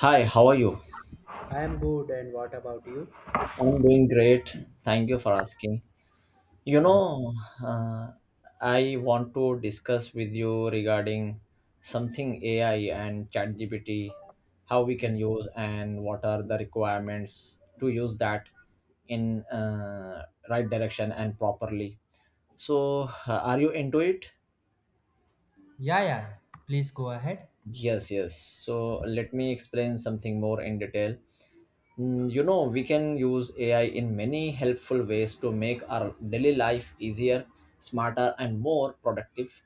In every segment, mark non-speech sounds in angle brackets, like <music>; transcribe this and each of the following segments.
Hi, how are you? I am good, and what about you? I'm doing great. Thank you for asking. You Yeah, yeah, know, uh, I want to discuss with you regarding something AI and ChatGPT, how we can yeah, use and what are the requirements to use that in right direction and properly. So, are you into it? yeah, yeah. Please go ahead. Yes, yes. So let me explain something more in detail. You know, we can use AI in many helpful ways to make our daily life easier, smarter, and more productive.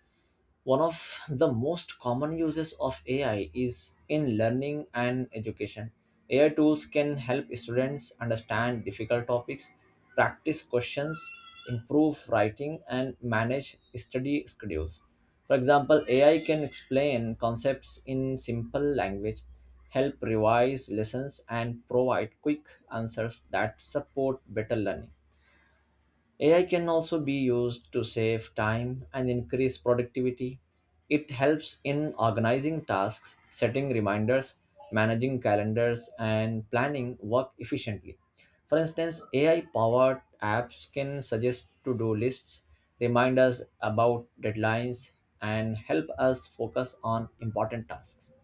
One of the most common uses of AI is in learning and education. AI tools can help students understand difficult topics, practice questions, improve writing, and manage study schedules. For example, AI can explain concepts in simple language, help revise lessons, and provide quick answers that support better learning. AI can also be used to save time and increase productivity. It helps in organizing tasks, setting reminders, managing calendars, and planning work efficiently. For instance, AI powered apps can suggest to do lists, remind us about deadlines, and help us focus on important tasks.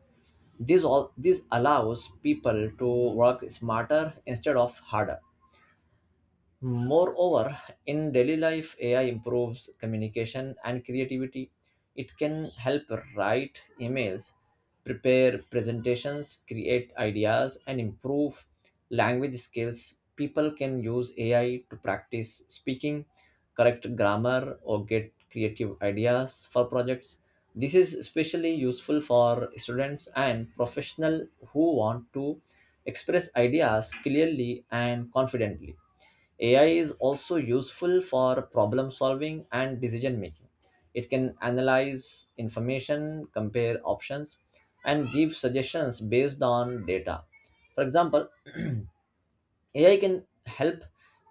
This allows people to work smarter instead of harder. Moreover, in daily life, AI improves communication and creativity. It can help write emails, prepare presentations, create ideas, and improve language skills. People can use AI to practice speaking, correct grammar, or get creative ideas for projects. This is especially useful for students and professionals who want to express ideas clearly and confidently. AI is also useful for problem solving and decision making. It can analyze information, compare options, and give suggestions based on data. For example, <clears throat> AI can help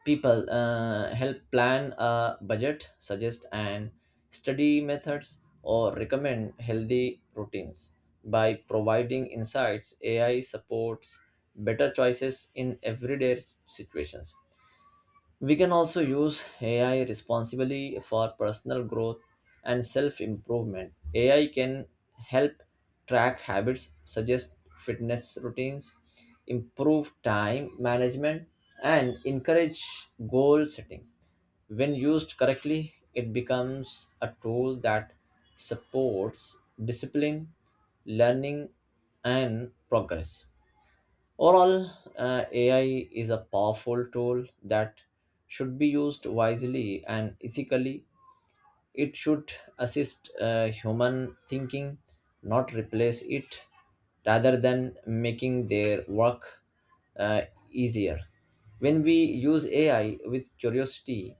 people help plan a budget, suggest and study methods, or recommend healthy routines. By providing insights, AI supports better choices in everyday situations. We can also use AI responsibly for personal growth and self improvement. AI can help track habits, suggest fitness routines, improve time management, and encourage goal setting. When used correctly, it becomes a tool that supports discipline, learning, and progress. Overall, AI is a powerful tool that should be used wisely and ethically. It should assist human thinking, not replace it, rather than making their work uh, easier. When we use AI with curiosity,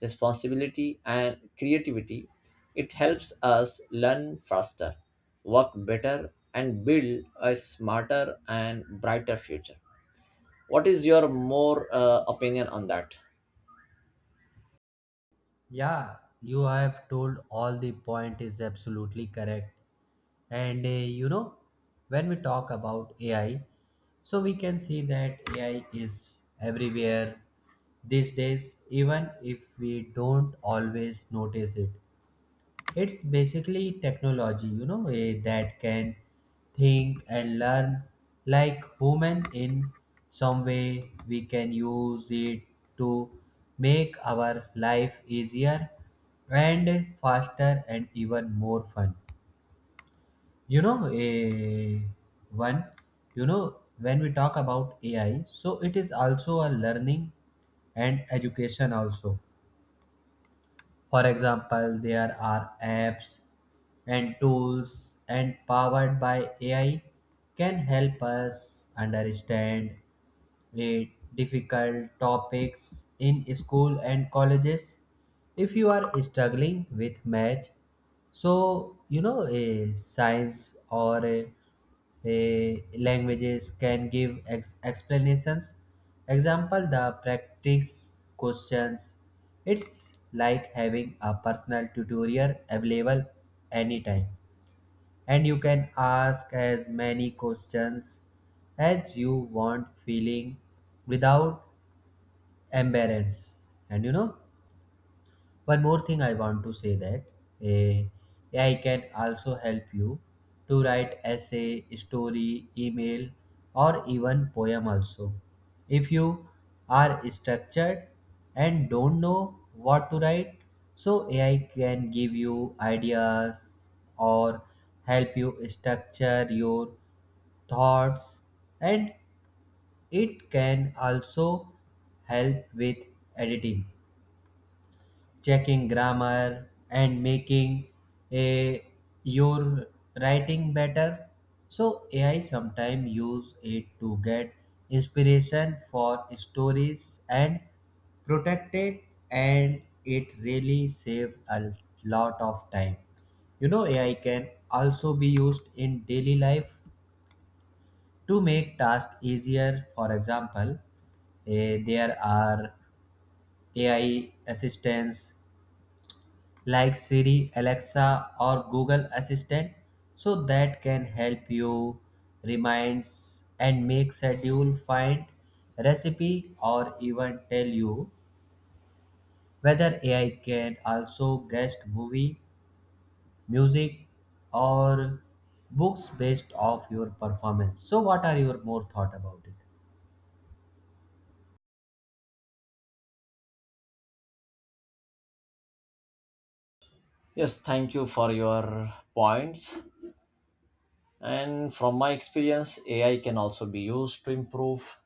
responsibility, and creativity, it helps us learn faster, work better, and build a smarter and brighter future. What is your more opinion on that? Yeah, you have told all the point is absolutely correct. And you know, when we talk about AI, so we can see that AI is everywhere these days, even if we don't always notice it. It's basically technology, that can think and learn like human in some way. We can use it to make our life easier and faster and even more fun. You know, a one, you know, when we talk about AI, so it is also a learning and education also. For example, there are apps and tools and powered by AI can help us understand eh, difficult topics in school and colleges. If you are struggling with math, so you know a science or a languages can give explanations. Example the practice questions. It's like having a personal tutorial available anytime, and you can ask as many questions as you want feeling without embarrass. And you know, one more thing I want to say, that eh, AI can also help you to write essay, story, email, or even poem also. If you are structured and don't know what to write, so AI can give you ideas or help you structure your thoughts. And it can also help with editing, checking grammar, and making a your writing better. So AI, sometimes use it to get inspiration for stories and protect it, and it really save a lot of time. You know, AI can also be used in daily life to make tasks easier. For example, there are AI assistants like Siri, Alexa, or Google Assistant, so that can help you reminds and make schedule, find recipe, or even tell you whether AI can also guest movie, music, or books based off your performance. So what are your more thought about it? Yes, thank you for your points. And from my experience, AI can also be used to improve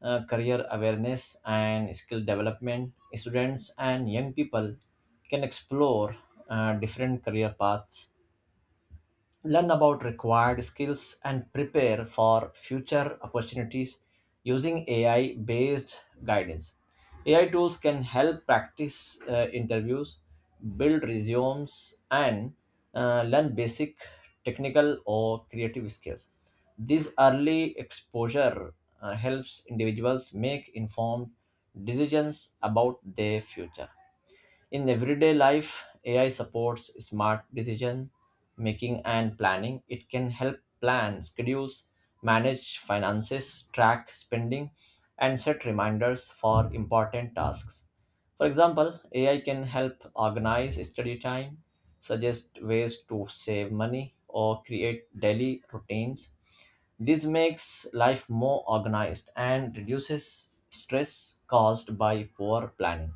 career awareness and skill development. Students and young people can explore different career paths, learn about required skills and prepare for future opportunities using AI based guidance. AI tools can help practice interviews, build resumes, and learn basic technical or creative skills. This early exposure helps individuals make informed decisions about their future. In everyday life, AI supports smart decision making and planning. It can help plan, schedules, manage finances, track spending, and set reminders for important tasks. For example, AI can help organize study time, suggest ways to save money, or create daily routines. This makes life more organized and reduces stress caused by poor planning.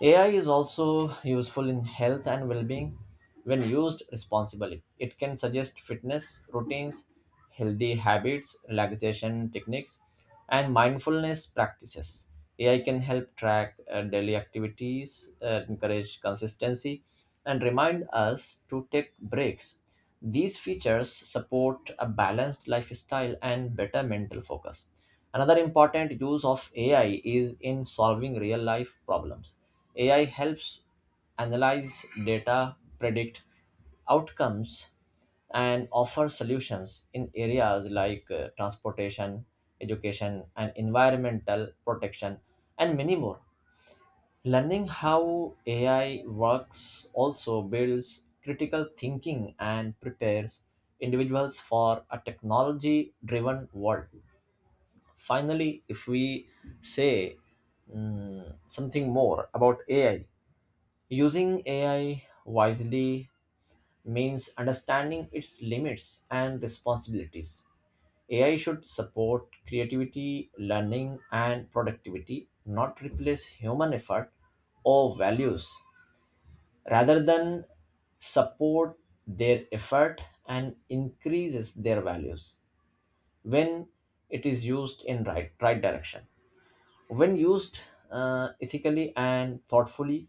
AI is also useful in health and well being when used responsibly. It can suggest fitness routines, healthy habits, relaxation techniques, and mindfulness practices. AI can help track daily activities, encourage consistency, and remind us to take breaks. These features support a balanced lifestyle and better mental focus. Another important use of AI is in solving real life problems. AI helps analyze data, predict outcomes, and offer solutions in areas like transportation, education, and environmental protection, and many more. Learning how AI works also builds critical thinking and prepares individuals for a technology driven world. Finally, if we say something more about AI, using AI wisely means understanding its limits and responsibilities. AI should support creativity, learning, and productivity, not replace human effort or values, rather than support their effort and increases their values. When it is used in right direction, when used ethically and thoughtfully,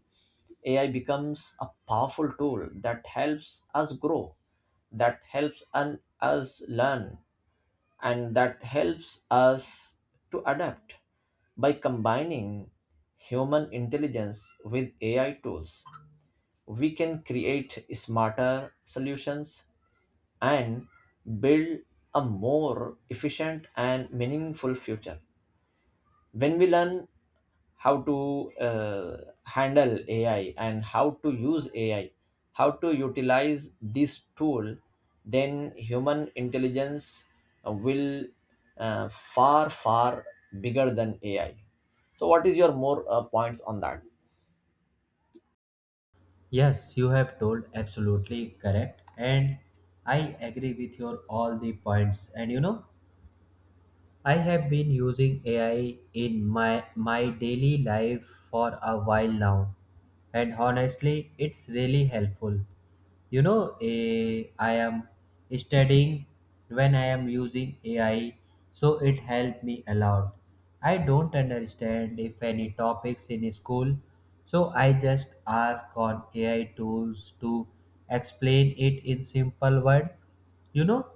AI becomes a powerful tool that helps us grow, that helps us learn, and that helps us to adapt. By combining human intelligence with AI tools, we can create smarter solutions and build a more efficient and meaningful future. When we learn how to handle AI and how to use AI, how to utilize this tool, then human intelligence will far bigger than AI. So, what is your more points on that? Yes, you have told absolutely correct, and I agree with your all the points. And you know, I have been using AI in my daily life for a while now, and honestly, it's really helpful. You know, I am studying when I am using AI, so it helped me a lot. I don't understand if any topics in school, so I just ask on AI tools to explain it in simple word. You know,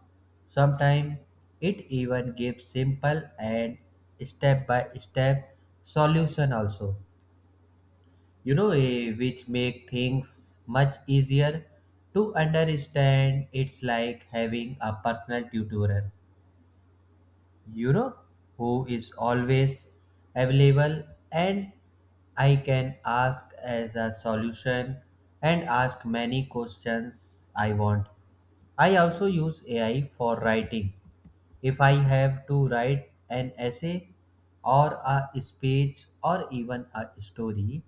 sometimes it even gives simple and step-by-step solution also. You know, which make things much easier to understand. It's like having a personal tutor, you know, who is always available, and I can ask as a solution and ask many questions I want. I also use AI for writing. If I have to write an essay or a speech or even a story,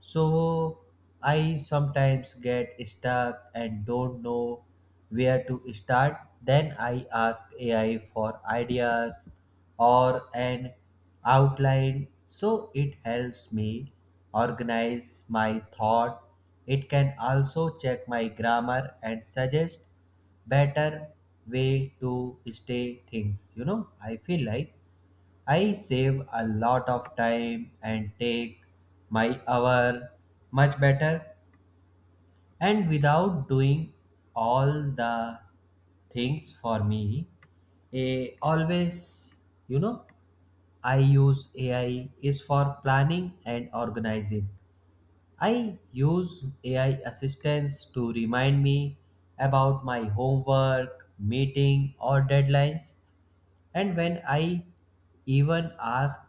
so I sometimes get stuck and don't know where to start. Then I ask AI for ideas or an outline, so it helps me organize my thought. It can also check my grammar and suggest better way to stay things. I feel like I save a lot of time and take my hour much better, and without doing all the things for me a always. You know, I use AI is for planning and organizing. I use AI assistants to remind me about my homework, meeting, or deadlines. And when I even ask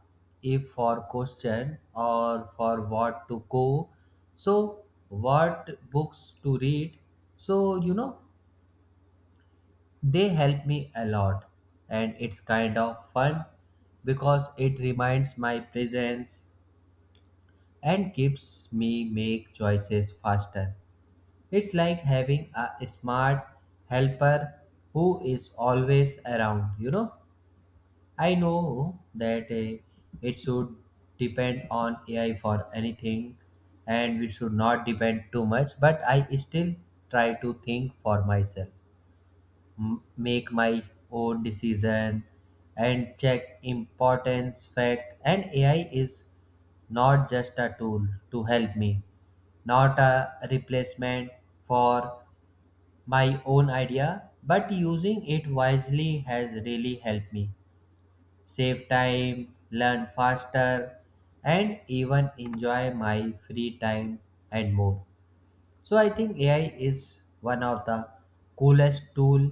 if for question or for what to go, so what books to read, so you know, they help me a lot, and it's kind of fun because it reminds my presence and keeps me make choices faster. It's like having a smart helper who is always around, you know. I know that it should depend on AI for anything, and we should not depend too much, but I still try to think for myself, make my own decision and check importance fact. And AI is not just a tool to help me, not a replacement for my own idea, but using it wisely has really helped me save time, learn faster, and even enjoy my free time and more. So I think AI is one of the coolest tool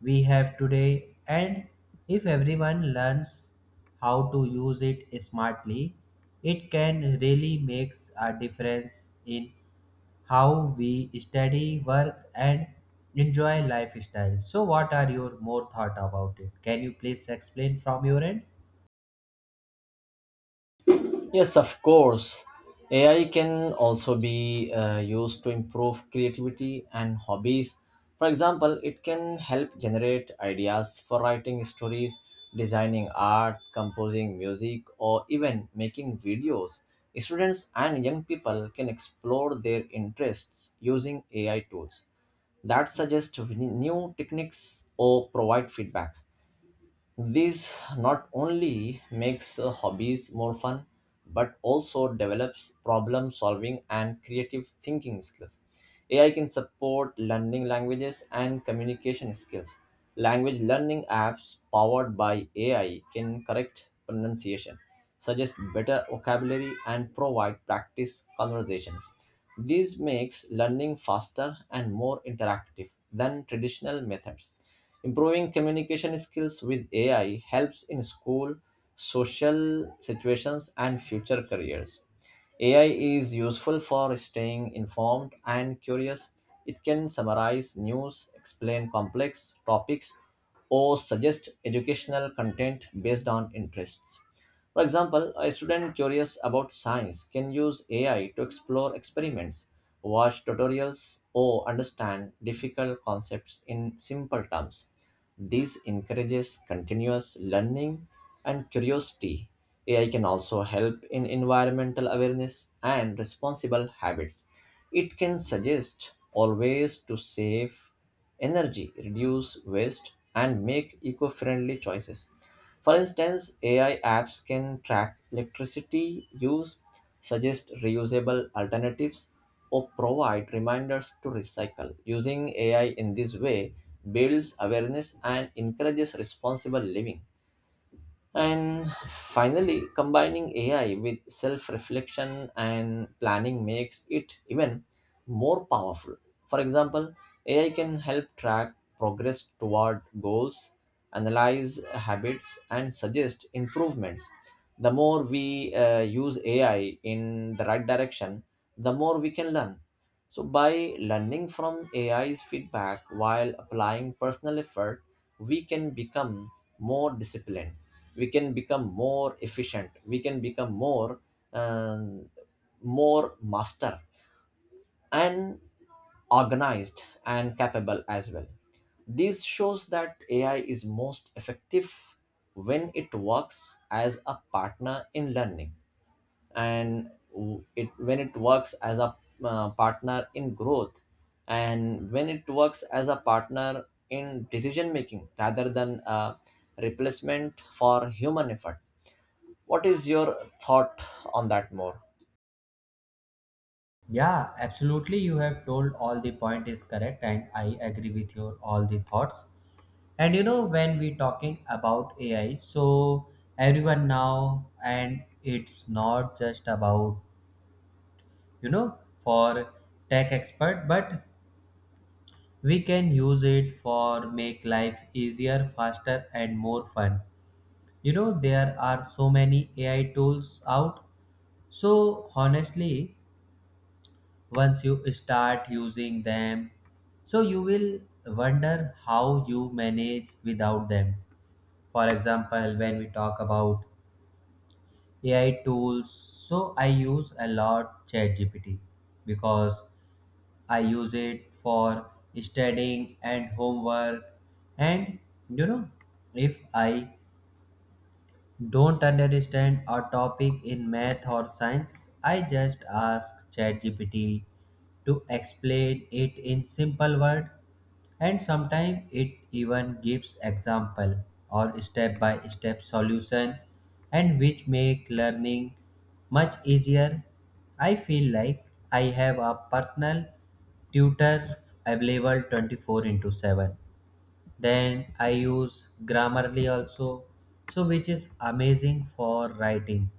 we have today, and if everyone learns how to use it smartly, it can really makes a difference in how we study, work, and enjoy lifestyle. So, what are your more thought about it? Can you please explain from your end? Yes, of course. AI can also be used to improve creativity and hobbies. For example, it can help generate ideas for writing stories, designing art, composing music, or even making videos. Students and young people can explore their interests using AI tools that suggest new techniques or provide feedback. This not only makes hobbies more fun, but also develops problem solving and creative thinking skills. AI can support learning languages and communication skills. Language learning apps powered by AI can correct pronunciation, suggest better vocabulary, and provide practice conversations. This makes learning faster and more interactive than traditional methods. Improving communication skills with AI helps in school, social situations, and future careers. AI is useful for staying informed and curious. It can summarize news, explain complex topics, or suggest educational content based on interests. For example, a student curious about science can use AI to explore experiments, watch tutorials, or understand difficult concepts in simple terms. This encourages continuous learning and curiosity. AI can also help in environmental awareness and responsible habits. It can suggest always to save energy, reduce waste, and make eco friendly choices. For instance, AI apps can track electricity use, suggest reusable alternatives, or provide reminders to recycle. Using AI in this way builds awareness and encourages responsible living. And finally, combining AI with self reflection and planning makes it even more powerful. For example, AI can help track progress toward goals, analyze habits, and suggest improvements. The more we use AI in the right direction, the more we can learn. So, by learning from AI's feedback while applying personal effort, we can become more disciplined, we can become more efficient, we can become more um, more master and organized and capable as well. This shows that AI is most effective when it works as a partner in learning, and w- it when it works as a partner in growth, and when it works as a partner in decision making rather than a replacement for human effort. What is your thought on that more? Yeah, absolutely. You have told all the point is correct, and I agree with your all the thoughts. And you know, when we talking about AI, so everyone now, and it's not just about you know for tech expert, but we can use it for make life easier, faster, and more fun. You know, there are so many AI tools out, so honestly, once you start using them, so you will wonder how you manage without them. For example, when we talk about AI tools, so I use a lot ChatGPT, because I use it for studying and homework. And you know, if I don't understand a topic in math or science, I just ask ChatGPT to explain it in simple word, and sometimes it even gives example or step by step solution, and which make learning much easier. I feel like I have a personal tutor available 24 into 7. Then I use Grammarly also, so which is amazing for writing.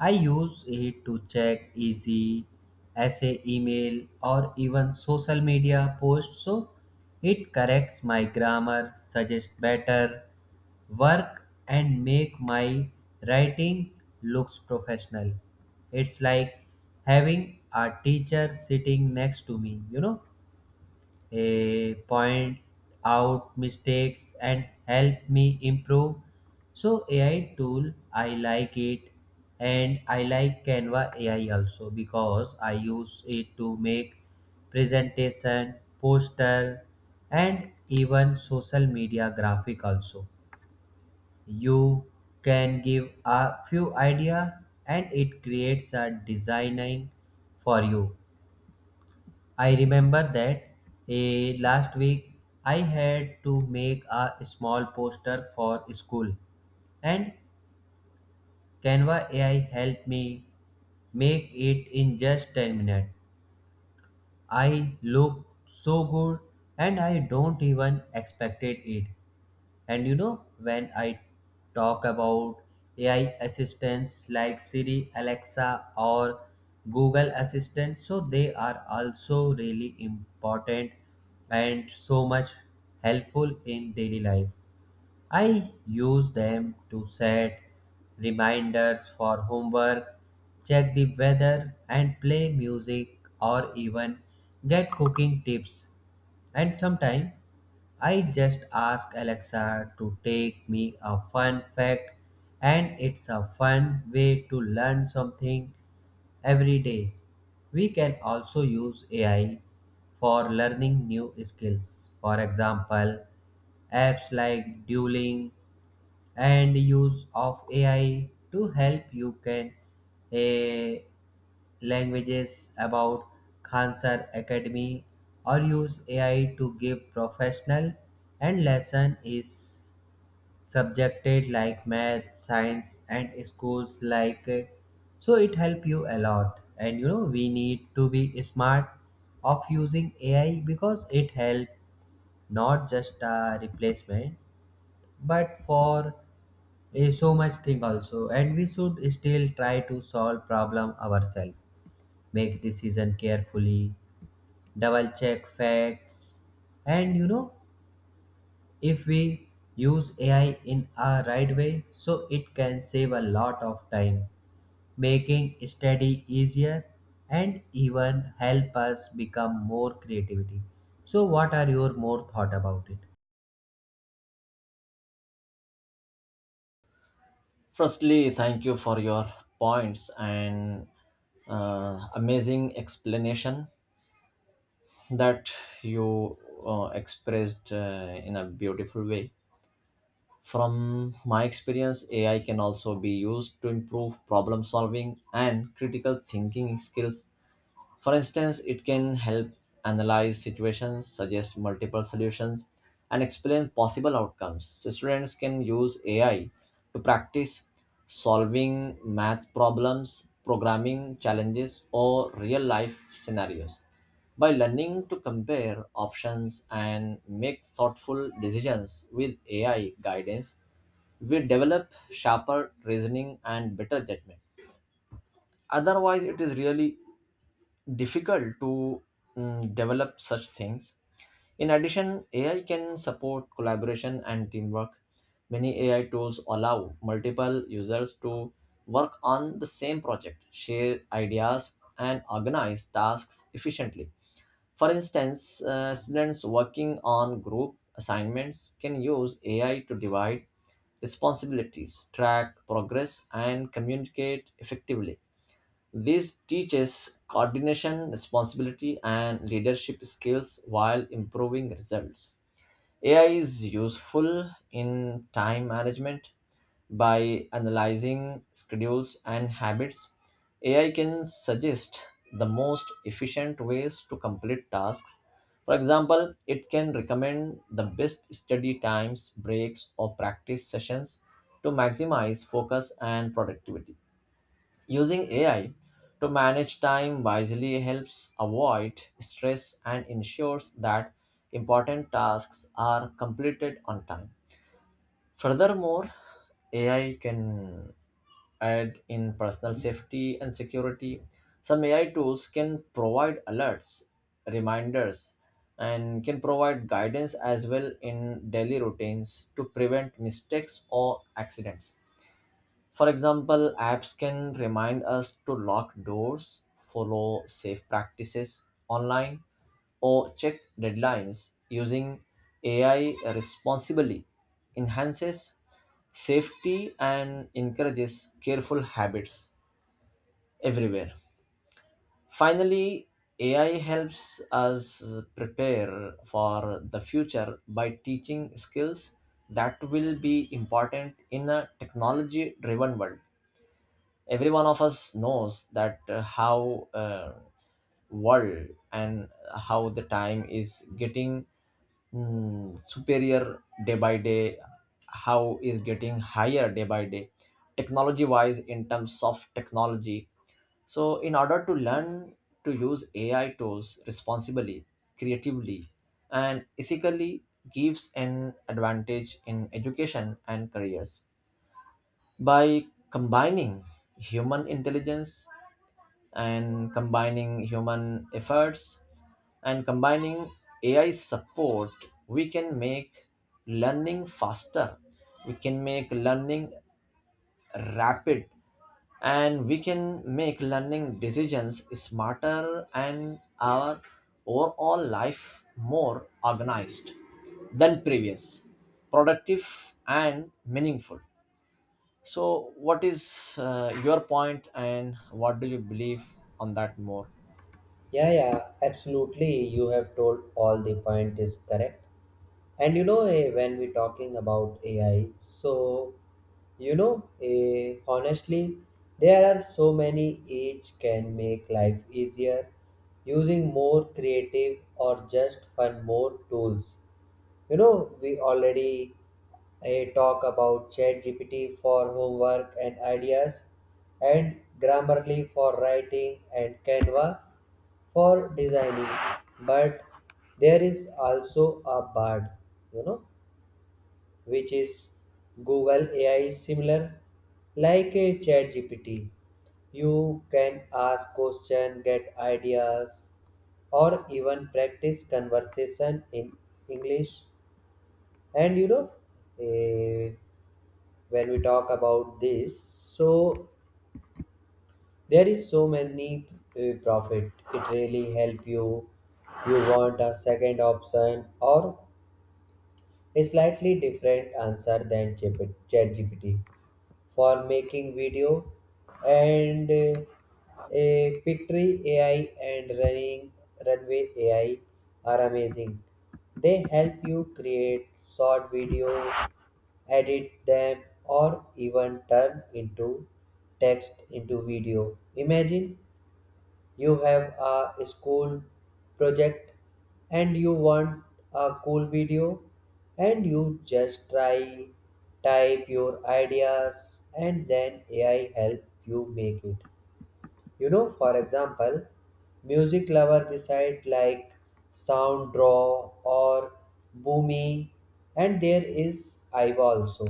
I use it to check easy essay, email, or even social media posts. So it corrects my grammar, suggests better work, and make my writing looks professional. It's like having a teacher sitting next to me, point out mistakes and help me improve. So AI tool I like it, and I like Canva AI also, because I use it to make presentation, poster, and even social media graphic also. You can give a few idea and it creates a designing for you. I remember that last week I had to make a small poster for school, and Canva AI helped me make it in just 10 minutes. I looked so good, and I don't even expected it. And you know, when I talk about AI assistants like Siri, Alexa, or Google Assistant, so they are also really important and so much helpful in daily life. I use them to set reminders for homework, check the weather, and play music or even get cooking tips. And sometimes I just ask Alexa to take me a fun fact, and it's a fun way to learn something every day. We can also use AI for learning new skills. For example, apps like Duolingo and use of AI to help you can a languages about Khansar Academy, or use AI to give professional and lesson is subjected like math, science, and schools like so it help you a lot. And you know, we need to be smart of using AI, because it help not just a replacement, but for is so much thing also, and we should still try to solve problem ourselves, make decision carefully, double check facts. And you know, if we use AI in a right way, so it can save a lot of time, making study easier and even help us become more creativity. So what are your more thought about it? Firstly, thank you for your points and amazing explanation that you expressed in a beautiful way. From my experience, AI can also be used to improve problem solving and critical thinking skills. For instance, it can help analyze situations, suggest multiple solutions, and explain possible outcomes. Students can use AI to practice solving math problems, programming challenges, or real life scenarios. By learning to compare options and make thoughtful decisions with AI guidance, we develop sharper reasoning and better judgment. Otherwise, it is really difficult to develop such things. In addition, AI can support collaboration and teamwork. Many AI tools allow multiple users to work on the same project, share ideas, and organize tasks efficiently. For instance, students working on group assignments can use AI to divide responsibilities, track progress, and communicate effectively. This teaches coordination, responsibility, and leadership skills while improving results. AI is useful in time management. By analyzing schedules and habits, AI can suggest the most efficient ways to complete tasks. For example, it can recommend the best study times, breaks, or practice sessions to maximize focus and productivity. Using AI to manage time wisely helps avoid stress and ensures that important tasks are completed on time. Furthermore, AI can add in personal safety and security. Some AI tools can provide alerts, reminders, and can provide guidance as well in daily routines to prevent mistakes or accidents. For example, apps can remind us to lock doors, follow safe practices online, or check deadlines. Using AI responsibly enhances safety and encourages careful habits everywhere. Finally, AI helps us prepare for the future by teaching skills that will be important in a technology driven world. Every one of us knows that how world and how the time is getting superior day by day, how is getting higher day by day technology wise, in terms of technology. So in order to learn to use AI tools responsibly, creatively, and ethically gives an advantage in education and careers. By combining human intelligence, and combining human efforts, and combining AI support, we can make learning faster, we can make learning rapid, and we can make learning decisions smarter and our overall life more organized than previous, productive and meaningful. So, what is your point, and what do you believe on that more? Yeah, yeah, absolutely. You have told all the point is correct. And you know, when we talking about AI, so you know, honestly, there are so many each can make life easier, using more creative or just fun more tools. You know, we already talk about ChatGPT for homework and ideas, and Grammarly for writing, and Canva for designing. But there is also a Bard, you know, which is Google AI similar like a ChatGPT. You can ask question, get ideas, or even practice conversation in English. And you know, eh, when we talk about this, so there is so many profit. It really help you. You want a second option or a slightly different answer than Chat GPT. For making video and a Pictory AI and running Runway AI are amazing. They help you create short videos, edit them, or even turn into text into video. Imagine you have a school project and you want a cool video, and you just try type your ideas and then AI help you make it. You know, for example, music lover beside like sound draw or Boomy, and there is Iva also,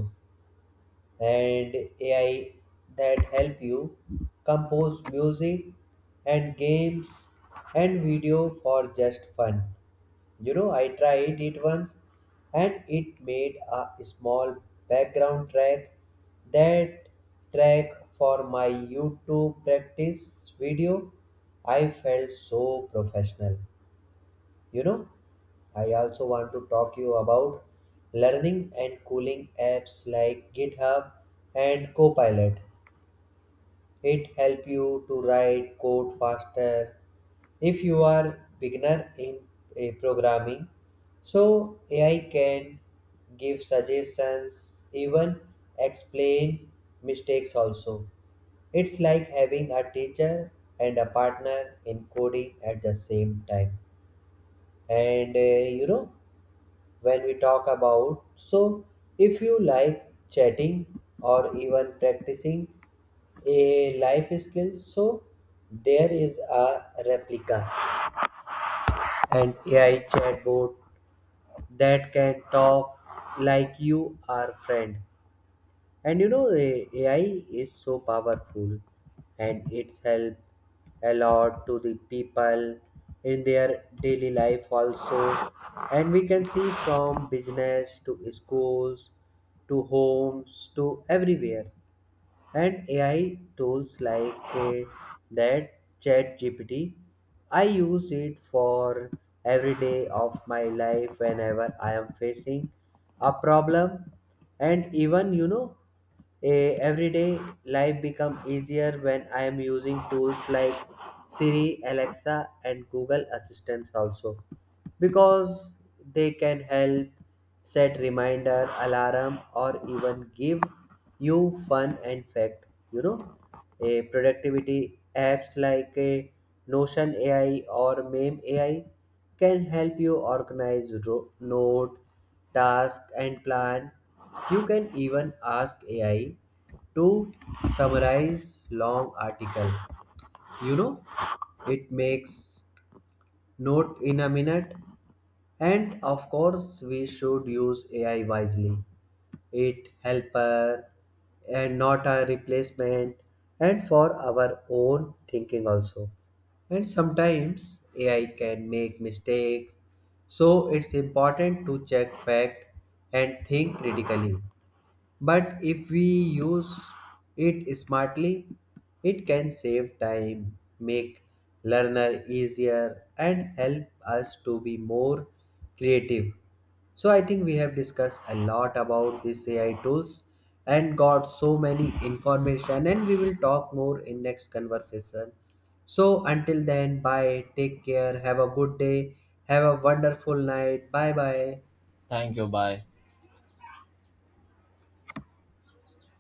and AI that help you compose music and games and video for just fun. You know, I tried it once and it made a small background that track for my YouTube practice video. I felt so professional. You know, I also want to talk you about learning and cooling apps like GitHub and Copilot. It help you to write code faster if you are beginner in programming. So AI can give suggestions, even explain mistakes also. It's like having a teacher and a partner in coding at the same time. And you know, when we talk about. So, if you like chatting or even practicing a life skills, so there is a replica and AI chatbot that can talk like you are friend. And you know, AI is so powerful and it's helped a lot to the people in their daily life also. And we can see from business to schools to homes to everywhere, and AI tools like that ChatGPT. I use it for every day of my life whenever I am facing a problem. And even you know, a everyday life become easier when I am using tools like Siri, Alexa, and Google Assistants also, because they can help set reminder, alarm, or even give you fun and fact. You know, a productivity apps like a Notion AI or Meme AI can help you organize note, task, and plan. You can even ask AI to summarize long article. You know, it makes note in a minute. And of course, we should use AI wisely. It helper and not a replacement and for our own thinking also. And sometimes AI can make mistakes, so it's important to check fact and think critically. But if we use it smartly, it can save time, make learner easier, and help us to be more creative. So I think we have discussed a lot about these AI tools and got so many information, and we will talk more in next conversation. So until then, bye, take care, have a good day, have a wonderful night, bye bye. Thank you. Bye.